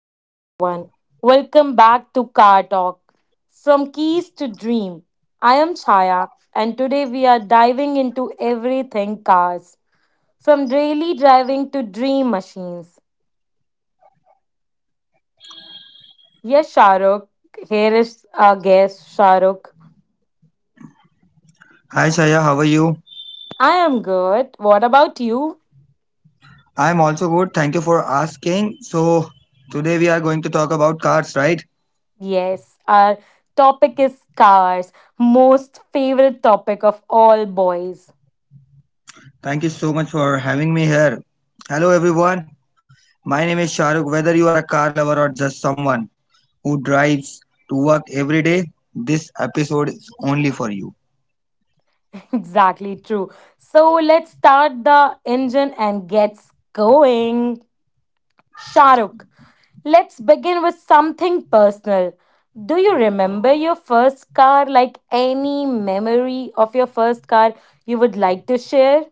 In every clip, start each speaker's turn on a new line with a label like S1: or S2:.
S1: Hello, everyone. Welcome back to Car Talk. From Keys to Dream. I am Chaya, and today we are diving into everything cars, from daily driving to dream machines. Yes, Shahrukh. Here is our guest, Shahrukh.
S2: Hi Shaya, how are you?
S1: I am good. What about you?
S2: I'm also good. Thank you for asking. So, today we are going to talk about cars, right?
S1: Yes, our topic is cars, most favorite topic of all boys.
S2: Thank you so much for having me here. Hello everyone. My name is Shahrukh. Whether you are a car lover or just someone who drives to work every day, this episode is only for you.
S1: Exactly true. So let's start the engine and gets going. Shahrukh, let's begin with something personal. Do you remember your first car? Like any memory of your first car you would like to share?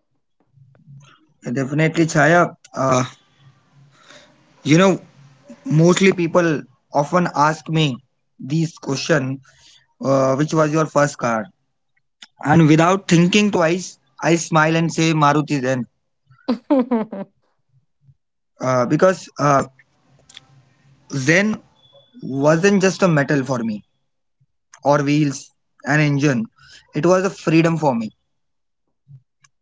S2: Definitely, Chaya. You know, mostly people often ask me this question, which was your first car? And without thinking twice, I smile and say Maruti Zen, because Zen wasn't just a metal for me, or wheels, an engine. It was a freedom for me,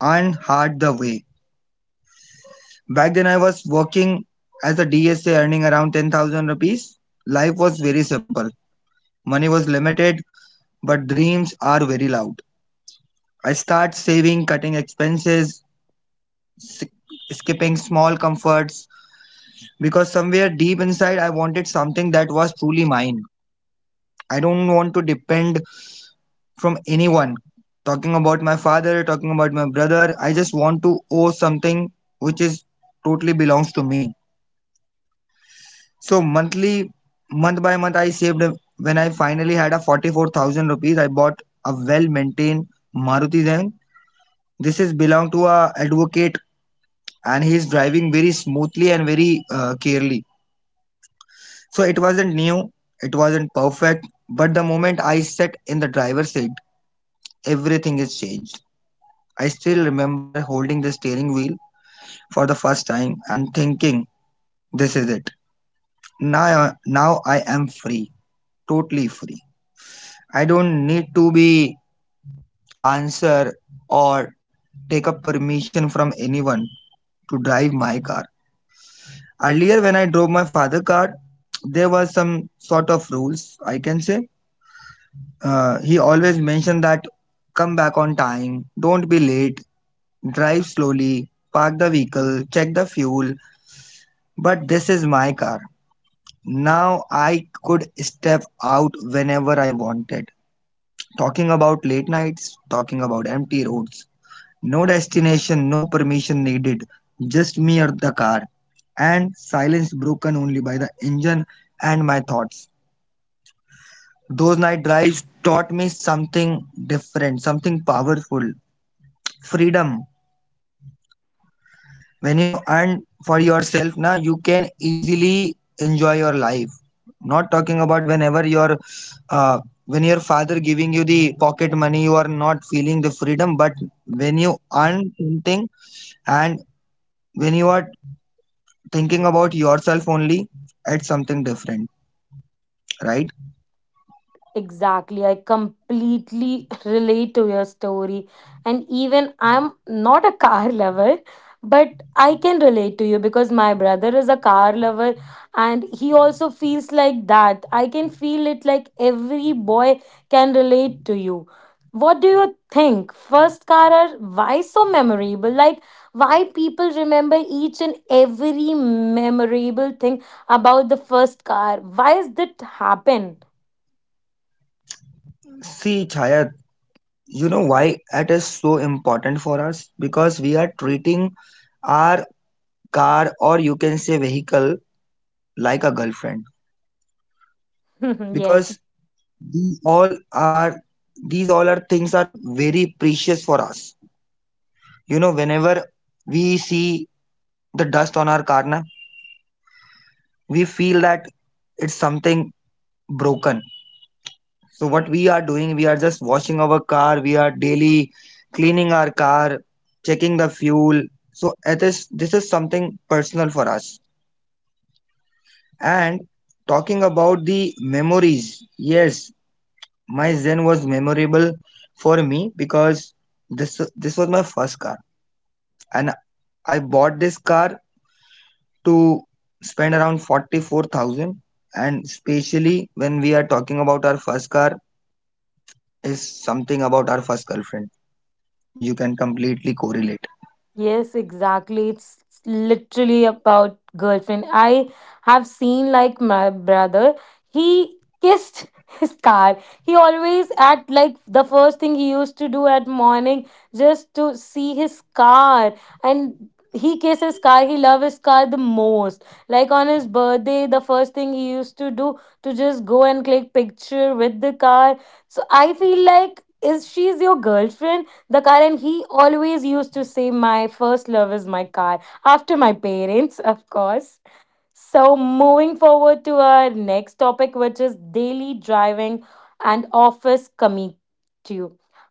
S2: and hard the way. Back then, I was working as a DSA, earning around 10,000 rupees. Life was very simple. Money was limited, but dreams are very loud. I start saving, cutting expenses, s- skipping small comforts, because somewhere deep inside, I wanted something that was truly mine. I don't want to depend from anyone, talking about my father, talking about my brother. I just want to owe something which is totally belongs to me. So monthly, month by month, I saved. When I finally had a 44,000 rupees, I bought a well-maintained Maruti Zen. This is belong to a advocate, and he is driving very smoothly and very carefully. So it wasn't new, it wasn't perfect, but the moment I sat in the driver's seat, everything is changed. I still remember holding the steering wheel for the first time and thinking, this is it. Now, now I am free, totally free. I don't need to be answer or take a permission from anyone to drive my car. Earlier, when I drove my father car, there was some sort of rules, I can say. He always mentioned that come back on time, don't be late, drive slowly, park the vehicle, check the fuel. But this is my car. Now I could step out whenever I wanted. Talking about late nights, talking about empty roads. No destination, no permission needed, just me or the car. And silence broken only by the engine and my thoughts. Those night drives taught me something different, something powerful: freedom. When you earn for yourself, now you can easily enjoy your life. Not talking about whenever your uh, when your father giving you the pocket money, you are not feeling the freedom, but when you earn something and when you are thinking about yourself only, it's something different, right?
S1: Exactly. I completely relate to your story. And even I'm not a car lover, but I can relate to you because my brother is a car lover and he also feels like that. I can feel it like every boy can relate to you. What do you think? First car are why so memorable? Like why people remember each and every memorable thing about the first car? Why does that happen?
S2: See, Chaya, you know why it is so important for us? Because we are treating our car, or you can say vehicle, like a girlfriend.
S1: Yes.
S2: Because these all are these all are things are very precious for us. You know, whenever we see the dust on our car na, we feel that it's something broken. So what we are doing, we are just washing our car, we are daily cleaning our car, checking the fuel. So it is this is something personal for us. And talking about the memories, yes, my Zen was memorable for me because this was my first car, and I bought this car to spend around 44,000. And especially when we are talking about our first car, is something about our first girlfriend. You can completely correlate.
S1: Yes, exactly. It's literally about girlfriend. I have seen like my brother, he kissed his car. He always at like the first thing he used to do at morning just to see his car and he kisses his car. He loves his car the most. Like on his birthday, the first thing he used to do to just go and click picture with the car. So I feel like is she's your girlfriend? The car, and he always used to say, My first love is my car, after my parents, of course. So, moving forward to our next topic, which is daily driving and office commute.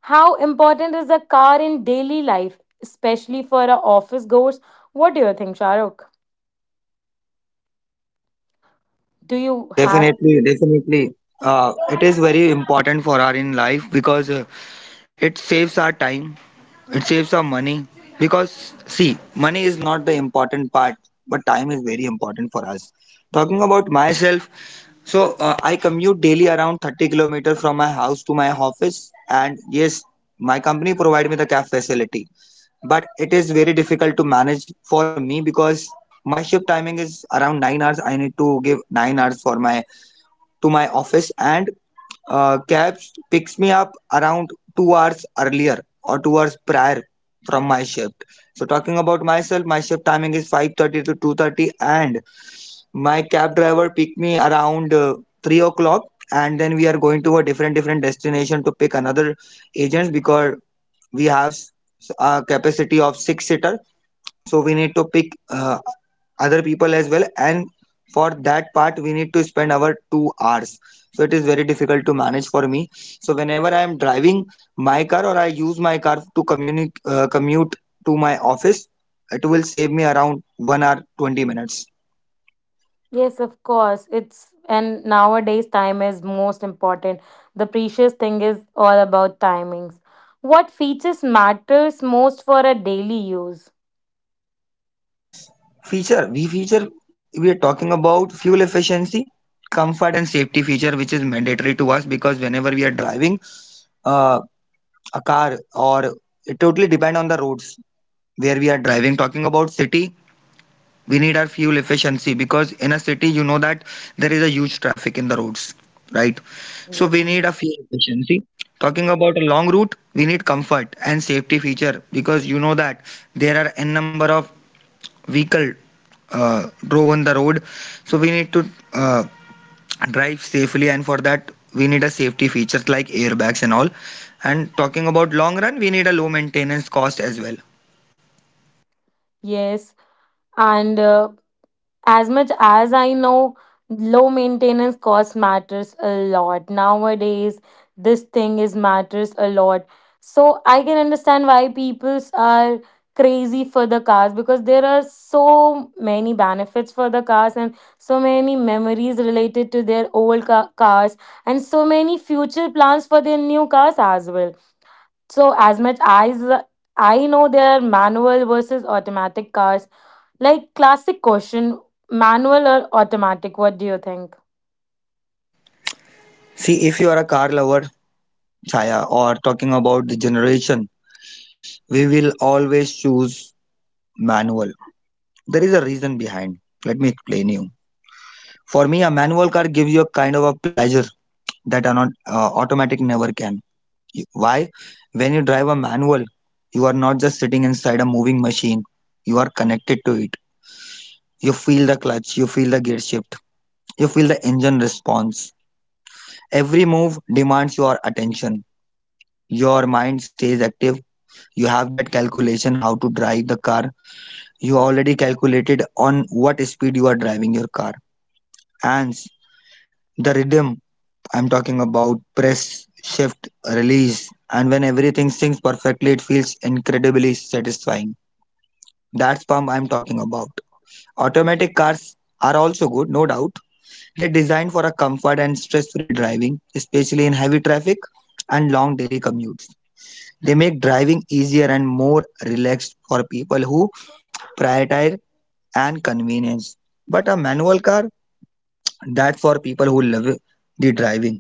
S1: How important is a car in daily life, especially for our office goers? What do you think, Shahrukh? Do you have?
S2: Definitely, definitely. It is very important for our in life because it saves our time, it saves our money. Because, see, money is not the important part, but time is very important for us. Talking about myself, so I commute daily around 30 kilometers from my house to my office. And yes, my company provide me the cab facility, but it is very difficult to manage for me because my shift timing is around 9 hours. I need to give 9 hours for my to my office. And cabs picks me up around 2 hours earlier or 2 hours prior from my shift. So talking about myself, my shift timing is 5:30 to 2:30, and my cab driver picked me around 3 o'clock. And then we are going to a different different destination to pick another agents, because we have a capacity of 6 seater. So we need to pick other people as well, and for that part we need to spend our 2 hours. So it is very difficult to manage for me. So whenever I am driving my car, or I use my car to commute to my office, it will save me around 1 hour 20 minutes.
S1: Yes, of course. It's and nowadays time is most important. The precious thing is all about timings. What features matters most for a daily use?
S2: Feature, we are talking about fuel efficiency, comfort and safety feature which is mandatory to us. Because whenever we are driving uh, a car, or it totally depend on the roads where we are driving. Talking about city, we need our fuel efficiency because in a city you know that there is a huge traffic in the roads, right? So
S1: Yes.
S2: we need
S1: Mhm.
S2: a fuel efficiency. Talking about a long route, we need comfort and safety feature, because you know that there are n number of vehicle drove on the road. So we need to uh, drive safely, and for that we need a safety features like airbags and all. And talking about long run, we need a low maintenance cost as well.
S1: Yes, and as much as I know, low maintenance cost matters a lot. Nowadays, this thing is matters a lot. So I can understand why peoples are crazy for the cars because there are so many benefits for the cars and so many memories related to their old cars and so many future plans for their new cars as well. So as much as I know there are manual versus automatic cars, like classic question, manual or automatic? What do you think?
S2: See, if you are a car lover, Chaya, or talking about the generation, we will always choose manual. There is a reason behind, let me explain you. For me, a manual car gives you a kind of a pleasure that an automatic never can. You — why? When you drive a manual, you are not just sitting inside a moving machine, you are connected to it. You feel the clutch, you feel the gear shift, you feel the engine response. Every move demands your attention. Your mind stays active. You have that calculation how to drive the car. You already calculated on what speed you are driving your car. And the rhythm, I'm talking about press, shift, release. And when everything syncs perfectly, it feels incredibly satisfying. That's pump I'm talking about. Automatic cars are also good, no doubt. They're designed for a comfort and stress-free driving, especially in heavy traffic and long daily commutes. They make driving easier and more relaxed for people who prioritize and convenience. But a manual car, that's for people who love the driving,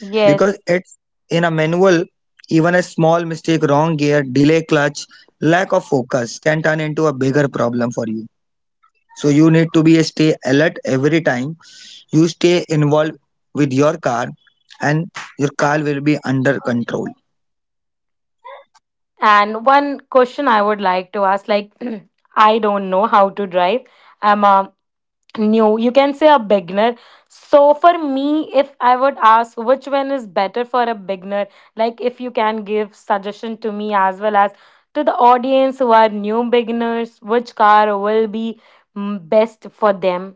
S1: Yes.
S2: because it's in a manual, even a small mistake, wrong gear, delay clutch, lack of focus can turn into a bigger problem for you. So you need to be stay alert every time. You stay involved with your car, and your car will be under control.
S1: And one question I would like to ask, like I don't know how to drive. I'm a new, you can say a beginner. So for me, if I would ask which one is better for a beginner, like if you can give suggestion to me as well as to the audience who are new beginners, which car will be best for them?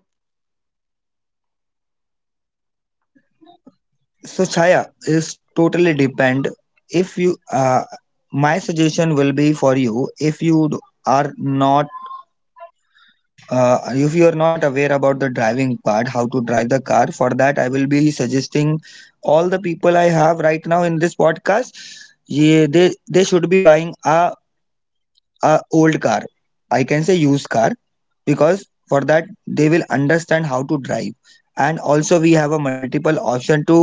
S2: So Chaya, is totally depend. If you, my suggestion will be for you, if you are not, uh, if you are not aware about the driving part, how to drive the car. For that, I will be suggesting all the people I have right now in this podcast. Yeah, they should be buying a old car. I can say used car, because for that they will understand how to drive. And also we have a multiple option to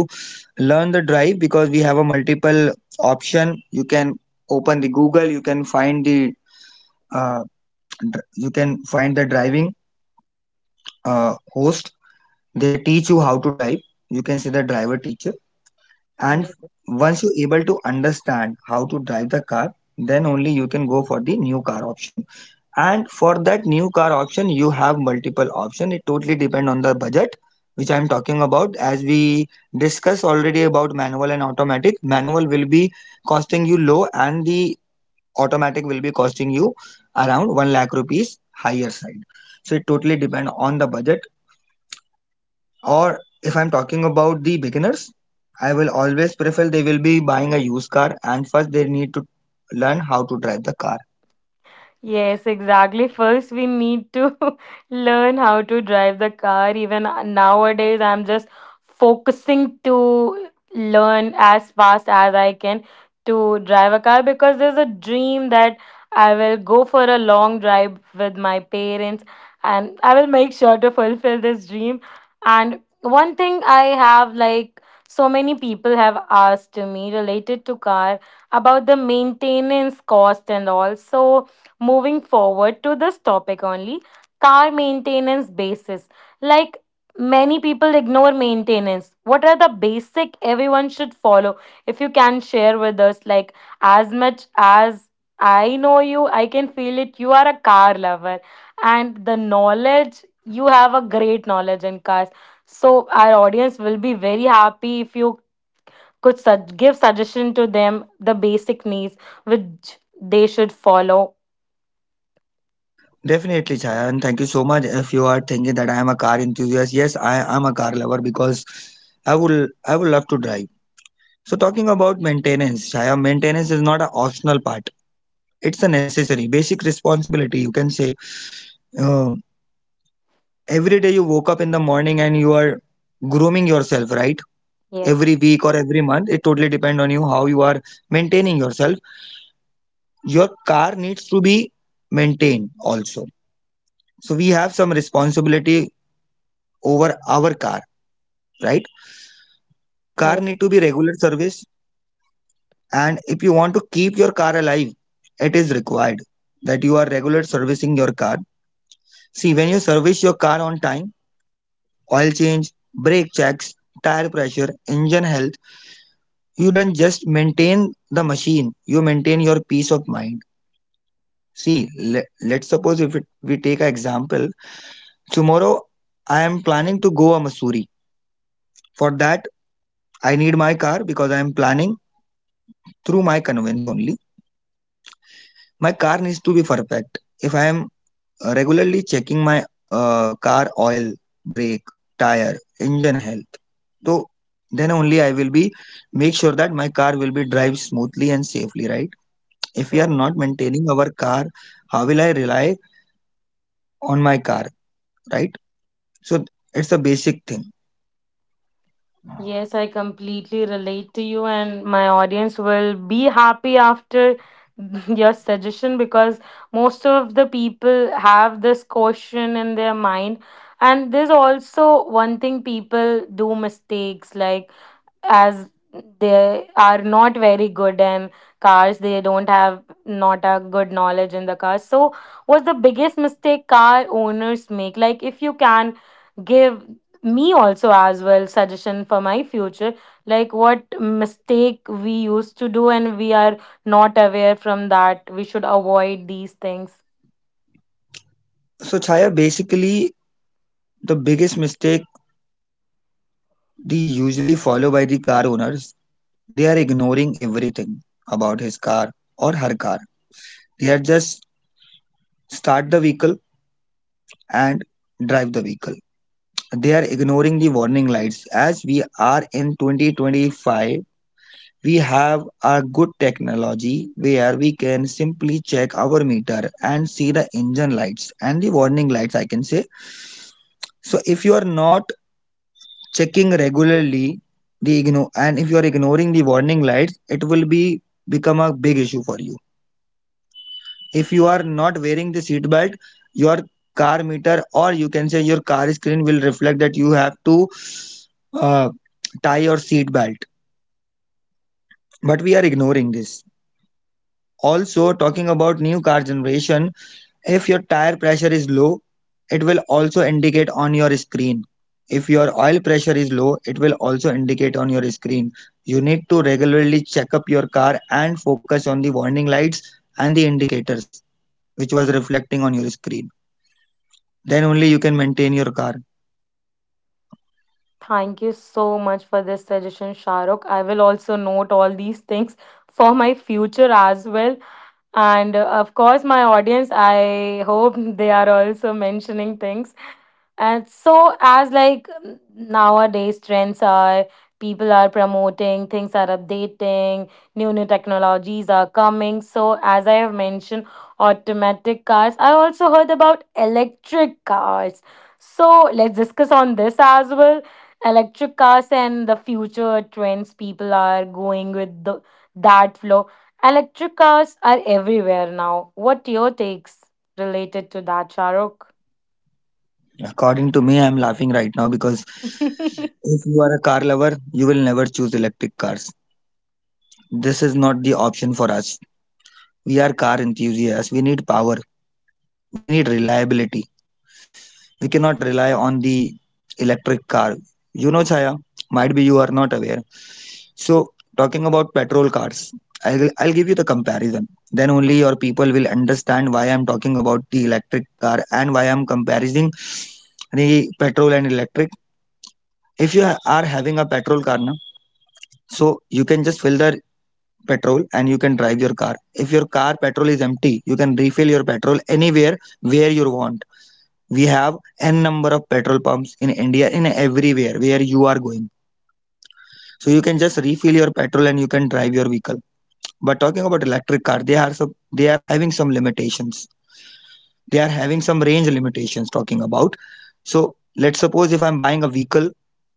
S2: learn the drive, because we have a multiple option. You can open the Google, you can find the uh, you can find the driving host. They teach you how to drive. You can see the driver teacher. And once you're able to understand how to drive the car, then only you can go for the new car option. And for that new car option, you have multiple option. It totally depend on the budget, which I'm talking about. As we discussed already about manual and automatic, manual will be costing you low, and the automatic will be costing you around 1 lakh rupees higher side. So it totally depend on the budget. Or if I'm talking about the beginners, I will always prefer they will be buying a used car, and first they need to learn how to drive the car.
S1: Yes, exactly. First, we need to learn how to drive the car. Even nowadays, I'm just focusing to learn as fast as I can to drive a car because there's a dream that I will go for a long drive with my parents and I will make sure to fulfill this dream. And one thing I have, like so many people have asked to me related to car about the maintenance cost and all. So, moving forward to this topic only, car maintenance basis, like many people ignore maintenance, what are the basic everyone should follow, if you can share with us, like as much as I know you, I can feel it, you are a car lover and the knowledge you have, a great knowledge in cars, so our audience will be very happy if you could give suggestion to them the basic needs which they should follow.
S2: Definitely, Chaya, and thank you so much. If you are thinking that I am a car enthusiast, yes, I am a car lover, because I would love to drive. So talking about maintenance, Chaya, maintenance is not an optional part. It's a necessary, basic responsibility. You can say uh, every day you woke up in the morning and you are grooming yourself, right? Every
S1: Yes.
S2: week or every month, it totally depends on you how you are maintaining yourself. Your car needs to be maintained also. So we have some responsibility over our car, right? Car
S1: Yes,
S2: need to be regular service, and if you want to keep your car alive, it is required that you are regular servicing your car. See, when you service your car on time, oil change, brake checks, tire pressure, engine health, you don't just maintain the machine, you maintain your peace of mind. See, let's suppose if it, we take an example, tomorrow I am planning to go to Missouri. For that, I need my car because I am planning through my convenience only. My car needs to be perfect. If I am regularly checking my car oil, brake, tire, engine health. So then only I will be make sure that my car will be drive smoothly and safely, right? If we are
S1: right.
S2: not maintaining our car, how will I rely on my car, right? So it's a basic thing.
S1: Yes, I completely relate to you, and my audience will be happy after your suggestion because most of the people have this question in their mind. And there's also one thing people do mistakes, like as they are not very good in cars, they don't have not a good knowledge in the cars, so what's the biggest mistake car owners make, like if you can give me also as well suggestion for my future, like what mistake we used to do and we are not aware from that, we should avoid these things.
S2: So Chaya, basically the biggest mistake they usually follow by the car owners, they are ignoring everything about his car or her car. They are just start the vehicle and drive the vehicle, they are ignoring the warning lights. As we are in 2025, we have a good technology where we can simply check our meter and see the engine lights and the warning lights, I can say. So if you are not checking regularly the ignore and if you are ignoring the warning lights, it will be become a big issue for you. If you are not wearing the seat belt, your car meter or you can say your car screen will reflect that you have to uh, tie your seat belt, but we are ignoring this. Also talking about new car generation, if your tire pressure is low, it will also indicate on your screen. If your oil pressure is low, it will also indicate on your screen. You need to regularly check up your car and focus on the warning lights and the indicators which was reflecting on your screen. Then only you can maintain your car.
S1: Thank you so much for this suggestion, Shahrukh. I will also note all these things for my future as well. And of course, my audience, I hope they are also mentioning things. And so, as like nowadays, trends are, people are promoting, things are updating, new technologies are coming. So, as I have mentioned, automatic cars. I also heard about electric cars. So, let's discuss on this as well. Electric cars and the future trends, people are going with the, that flow. Electric cars are everywhere now. What your takes related to that, Charuk?
S2: According to me, I'm laughing right now because if you are a car lover, you will never choose electric cars. This is not the option for us. We are car enthusiasts, we need power, we need reliability. We cannot rely on the electric car. You know, Chaya, might be you are not aware. So, talking about petrol cars, I'll give you the comparison. Then only your people will understand why I'm talking about the electric car and why I'm comparing the petrol and electric. If you are having a petrol car, na, so you can just fill the petrol and you can drive your car. If your car petrol is empty, you can refill your petrol anywhere where you want. We have n number of petrol pumps in India in everywhere where you are going, so you can just refill your petrol and you can drive your vehicle. But talking about electric car, they are having some limitations. They are having some range limitations talking about. So let's suppose if I'm buying a vehicle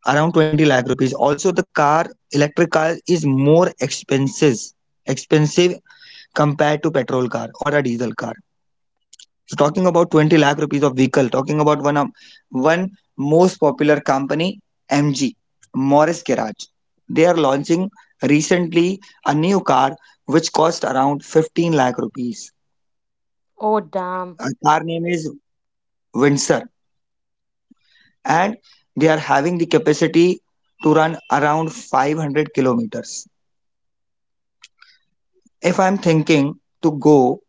S2: around 20 lakh rupees, also the car electric car is more expenses expensive compared to petrol car or a diesel car. So talking about 20 lakh rupees of vehicle, talking about one most popular company, MG, Morris Garage. They are launching recently a new car which cost around 15 lakh rupees.
S1: Oh damn.
S2: A car name is Windsor and they are having the capacity to run around 500 kilometers. If I'm thinking to go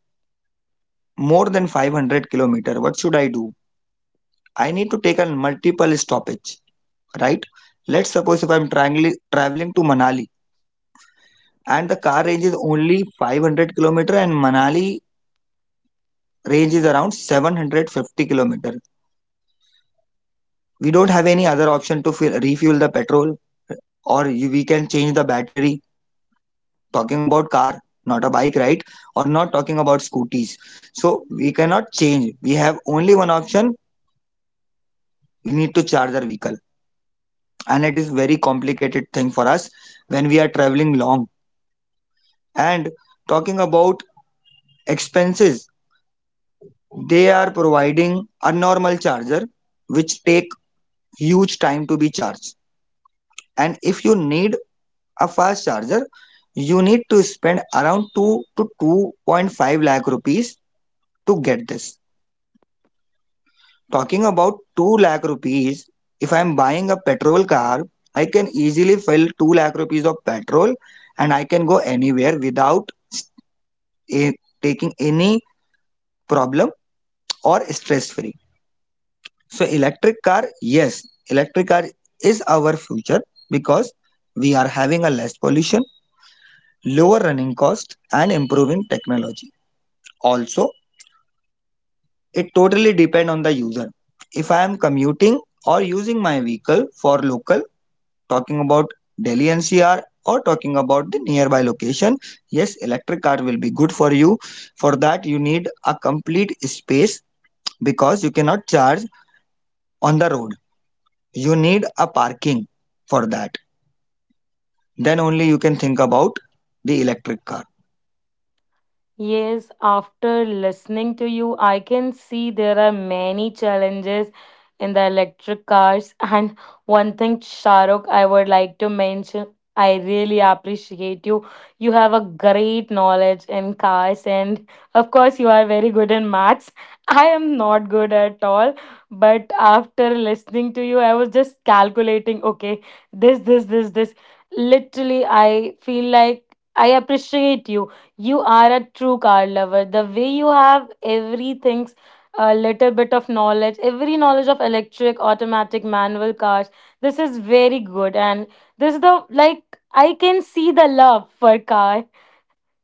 S2: more than 500 kilometer, what should I do? I need to take a multiple stoppage, right? Let's suppose if I'm traveling to Manali and the car range is only 500 kilometer and Manali range is around 750 kilometer. We don't have any other option to fill, refuel the petrol or we can change the battery. Talking about car, not a bike, right? Or not talking about scooties. So we cannot change. We have only one option. We need to charge our vehicle and it is very complicated thing for us when we are traveling long. And talking about expenses, they are providing a normal charger which take huge time to be charged. And if you need a fast charger, you need to spend around 2 to 2.5 lakh rupees to get this. Talking about 2 lakh rupees, if I am buying a petrol car, I can easily fill 2 lakh rupees of petrol and I can go anywhere without taking any problem or stress free. So electric car, yes, electric car is our future because we are having a less pollution, lower running cost and improving technology. Also, it totally depend on the user. If I am commuting or using my vehicle for local, talking about Delhi NCR or talking about the nearby location, yes, electric car will be good for you. For that, you need a complete space because you cannot charge on the road. You need a parking for that. Then only you can think about the electric car.
S1: Yes, after listening to you, I can see there are many challenges in the electric cars. And one thing, Shahrukh, I would like to mention, I really appreciate you. You have a great knowledge in cars, and of course, you are very good in maths. I am not good at all, but after listening to you, I was just calculating, okay, this, this, this, this. Literally, I feel like I appreciate you, you are a true car lover. The way you have everything's, a little bit of knowledge, every knowledge of electric, automatic, manual cars. This is very good, and this is the, like, I can see the love for car.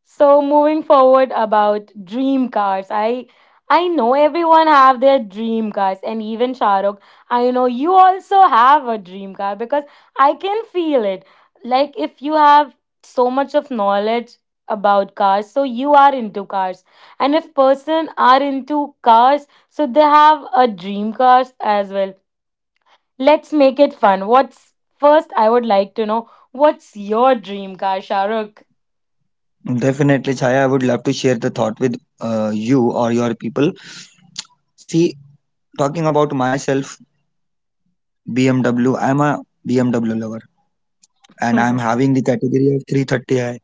S1: So moving forward about dream cars, I know everyone have their dream cars, and even Shahrukh, I know you also have a dream car because I can feel it. Like if you have so much of knowledge about cars, so you are into cars, and if person are into cars, so they have a dream cars as well. Let's make it fun. What's first? I would like to know what's your dream car, Shahrukh.
S2: Definitely, Chaya, I would love to share the thought with you or your people. See, talking about myself, BMW, I'm a BMW lover and I'm having the category of 330i.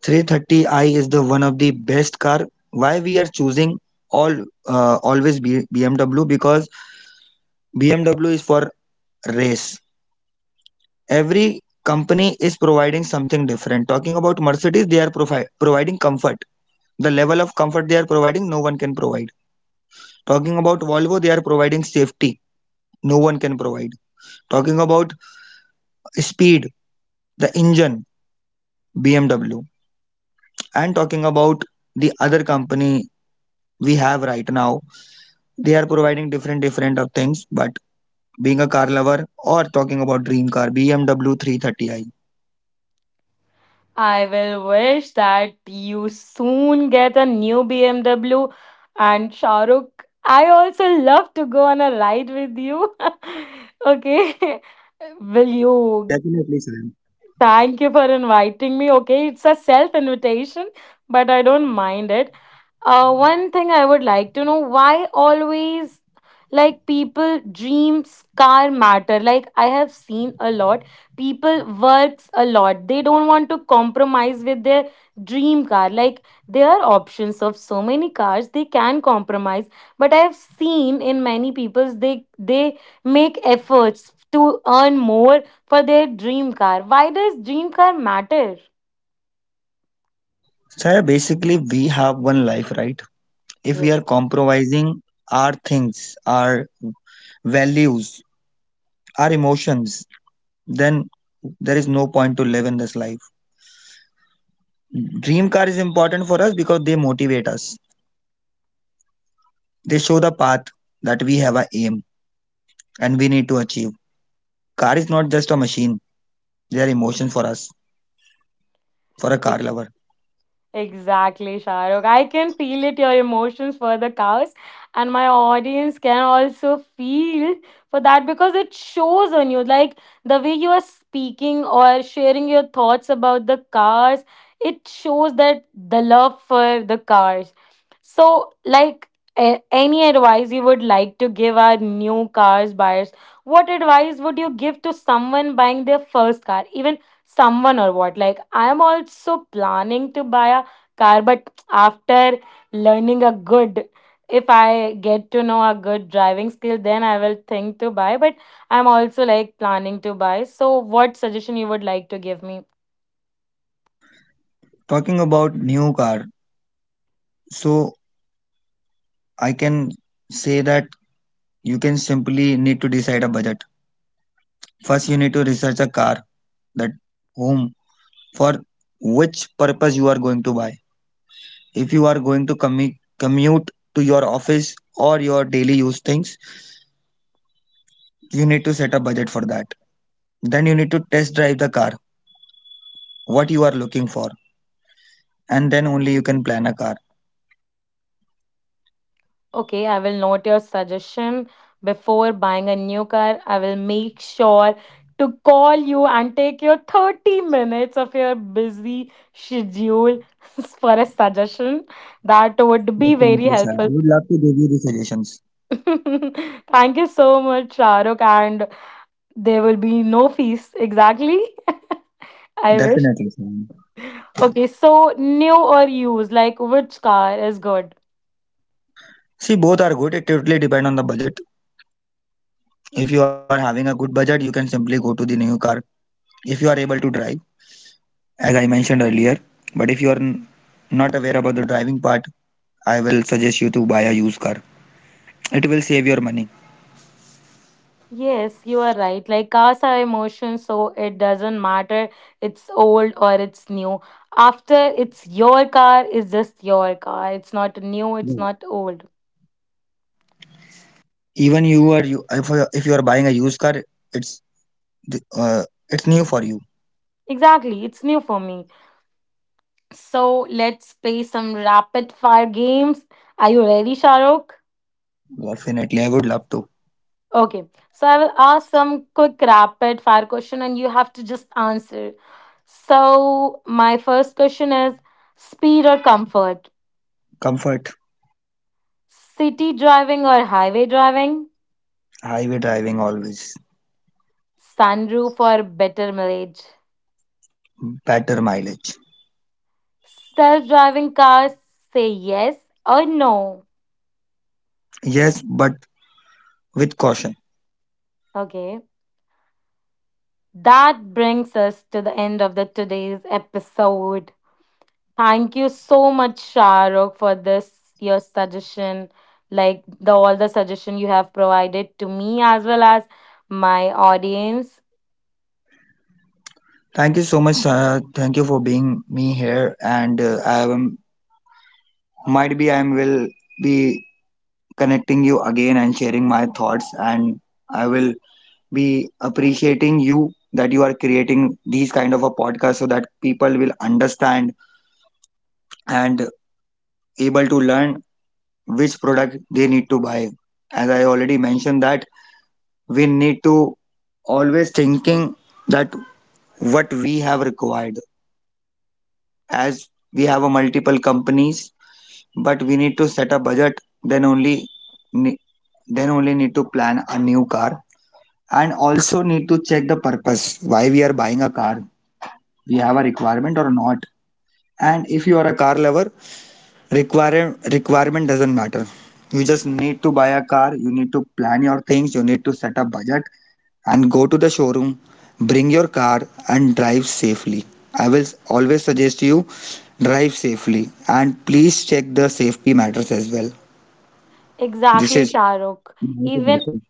S2: 330i is the one of the best car. Why we are choosing all always BMW? Because BMW is for race. Every company is providing something different. Talking about Mercedes, they are providing comfort. The level of comfort they are providing, no one can provide. Talking about Volvo, they are providing safety, no one can provide. Talking about speed, the engine, BMW. And talking about the other company we have right now, they are providing different, different of things. But being a car lover or talking about dream car, BMW 330i.
S1: I will wish that you soon get a new BMW and Shahrukh. I also love to go on a ride with you. Okay. Will you
S2: Definitely, sir.
S1: thank you for inviting me? Okay, it's a self invitation, but I don't mind it. One thing I would like to know, why always, like people dreams car matter, like I have seen a lot, people works a lot, they don't want to compromise with their dream car, like there are options of so many cars, they can compromise, but I have seen in many people's, they make efforts to earn more for their dream car. Why does dream car matter?
S2: Sir, basically, we have one life, right? If we are
S1: Yes.
S2: compromising our things, our values, our emotions, then there is no point to live in this life. Dream car is important for us because they motivate us. They show the path that we have a aim and we need to achieve. Car is not just a machine; they are emotion for us, for a car lover.
S1: Exactly, Shahrukh. I can feel it, your emotions for the cows, and my audience can also feel for that because it shows on you. Like the way you are speaking or sharing your thoughts about the cars, it shows that the love for the cars. So, like any advice you would like to give our new cars buyers, what advice would you give to someone buying their first car? Even someone or what? Like, I'm also planning to buy a car, but after learning a good, if I get to know a good driving skill, then I will think to buy, but I'm also like planning to buy, so what suggestion you would like to give me?
S2: Talking about new car, so I can say that you can simply need to decide a budget. First, you need to research a car that whom for which purpose you are going to buy. If you are going to commute to your office or your daily use things, you need to set a budget for that. Then you need to test drive the car what you are looking for, and then only you can plan a car.
S1: Okay, I will note your suggestion. Before buying a new car, I will make sure to call you and take your 30 minutes of your busy schedule for a suggestion. That would be very
S2: Definitely, sir, I
S1: helpful.
S2: would love to give you the suggestions.
S1: Thank you so much, Shahrukh. And there will be no fees. Exactly. I wish.
S2: Definitely, sir.
S1: Okay, so new or used, like which car is good?
S2: See, both are good, it totally depend on the budget. If you are having a good budget, you can simply go to the new car, if you are able to drive, as I mentioned earlier. But if you are not aware about the driving part, I will suggest you to buy a used car, it will save your money.
S1: Yes, you are right. Like cars are emotions, so it doesn't matter it's old or it's new. After it's your car, it's just your car. It's not new, it's not old.
S2: Even you are you if, you- if you are buying a used car, uh, it's new for you.
S1: Exactly, it's new for me. So let's play some rapid fire games. Are you ready, Shahrukh?
S2: Definitely, I would love to.
S1: Okay, so I will ask some quick rapid fire question and you have to just answer. So, my first question is, speed or comfort?
S2: Comfort,
S1: City driving or highway driving?
S2: highway driving always,
S1: Sunroof or better mileage?
S2: better mileage.
S1: Self driving cars, say yes or no.
S2: Yes, but with caution.
S1: Okay, that brings us to the end of the today's episode. Thank you so much, Shahrukh, for this your suggestion, like the all the suggestion you have provided to me as well as my audience.
S2: Thank you so much. Thank you for being me here, and I am, might be I will be connecting you again and sharing my thoughts, and I will be appreciating you that you are creating these kind of a podcast so that people will understand and able to learn which product they need to buy. As I already mentioned that we need to always thinking that what we have required, as we have a multiple companies but we need to set a budget. Then only ne- then only need to plan a new car, and also need to check the purpose why we are buying a car, we have a requirement or not. And if you are a car lover, requirement doesn't matter. You just need to buy a car, you need to plan your things, you need to set a budget and go to the showroom, bring your car and drive safely. I will always suggest you drive safely and please check the safety matters as well. This
S1: Exactly,
S2: is
S1: Shahrukh.
S2: my
S1: Even
S2: suggestion.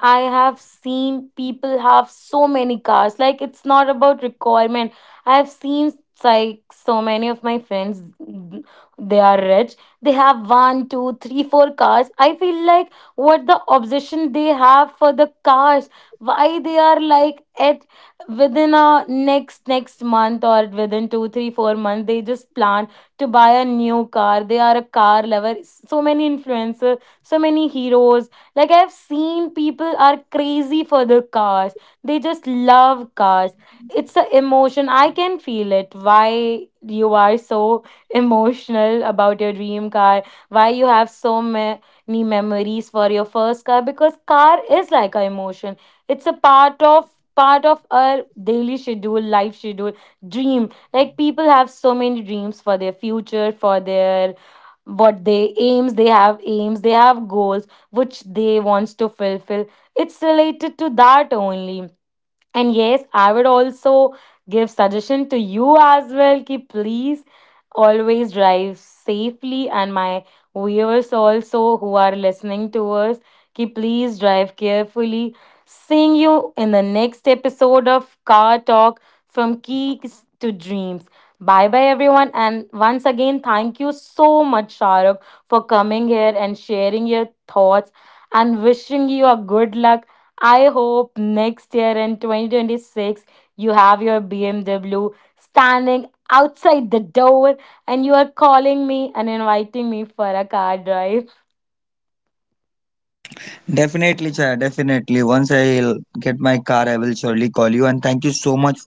S1: I have seen people have so many cars. Like it's not about requirement. I have seen like so many of my friends, they are rich. They have one, two, three, four cars. I feel like what the obsession they have for the cars. Why they are like at, within a next month or within two, three, 4 months they just plan to buy a new car. They are a car lover. So many influencers, so many heroes, like I've seen people are crazy for the cars. They just love cars. It's an emotion. I can feel it. Why you are so emotional about your dream car? Why you have so many memories for your first car? Because car is like an emotion. It's a part of our daily schedule, life schedule, dream. Like people have so many dreams for their future, for their what they aims, they have aims, they have goals which they wants to fulfill, it's related to that only. And yes, I would also give suggestion to you as well ki please always drive safely, and my viewers also who are listening to us ki please drive carefully. Seeing you in the next episode of Car Talk from Keys to Dreams. Bye bye everyone, and once again thank you so much, Shahrukh, for coming here and sharing your thoughts and wishing you a good luck. I hope next year in 2026 you have your BMW standing outside the door and you are calling me and inviting me for a car drive.
S2: Definitely, Chaya, definitely. Once I'll get my car, I will surely call you. And thank you so much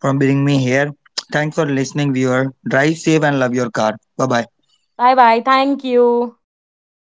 S2: for bringing me here. Thanks for listening, viewer. Drive safe and love your car. Bye bye.
S1: Bye bye. Thank you.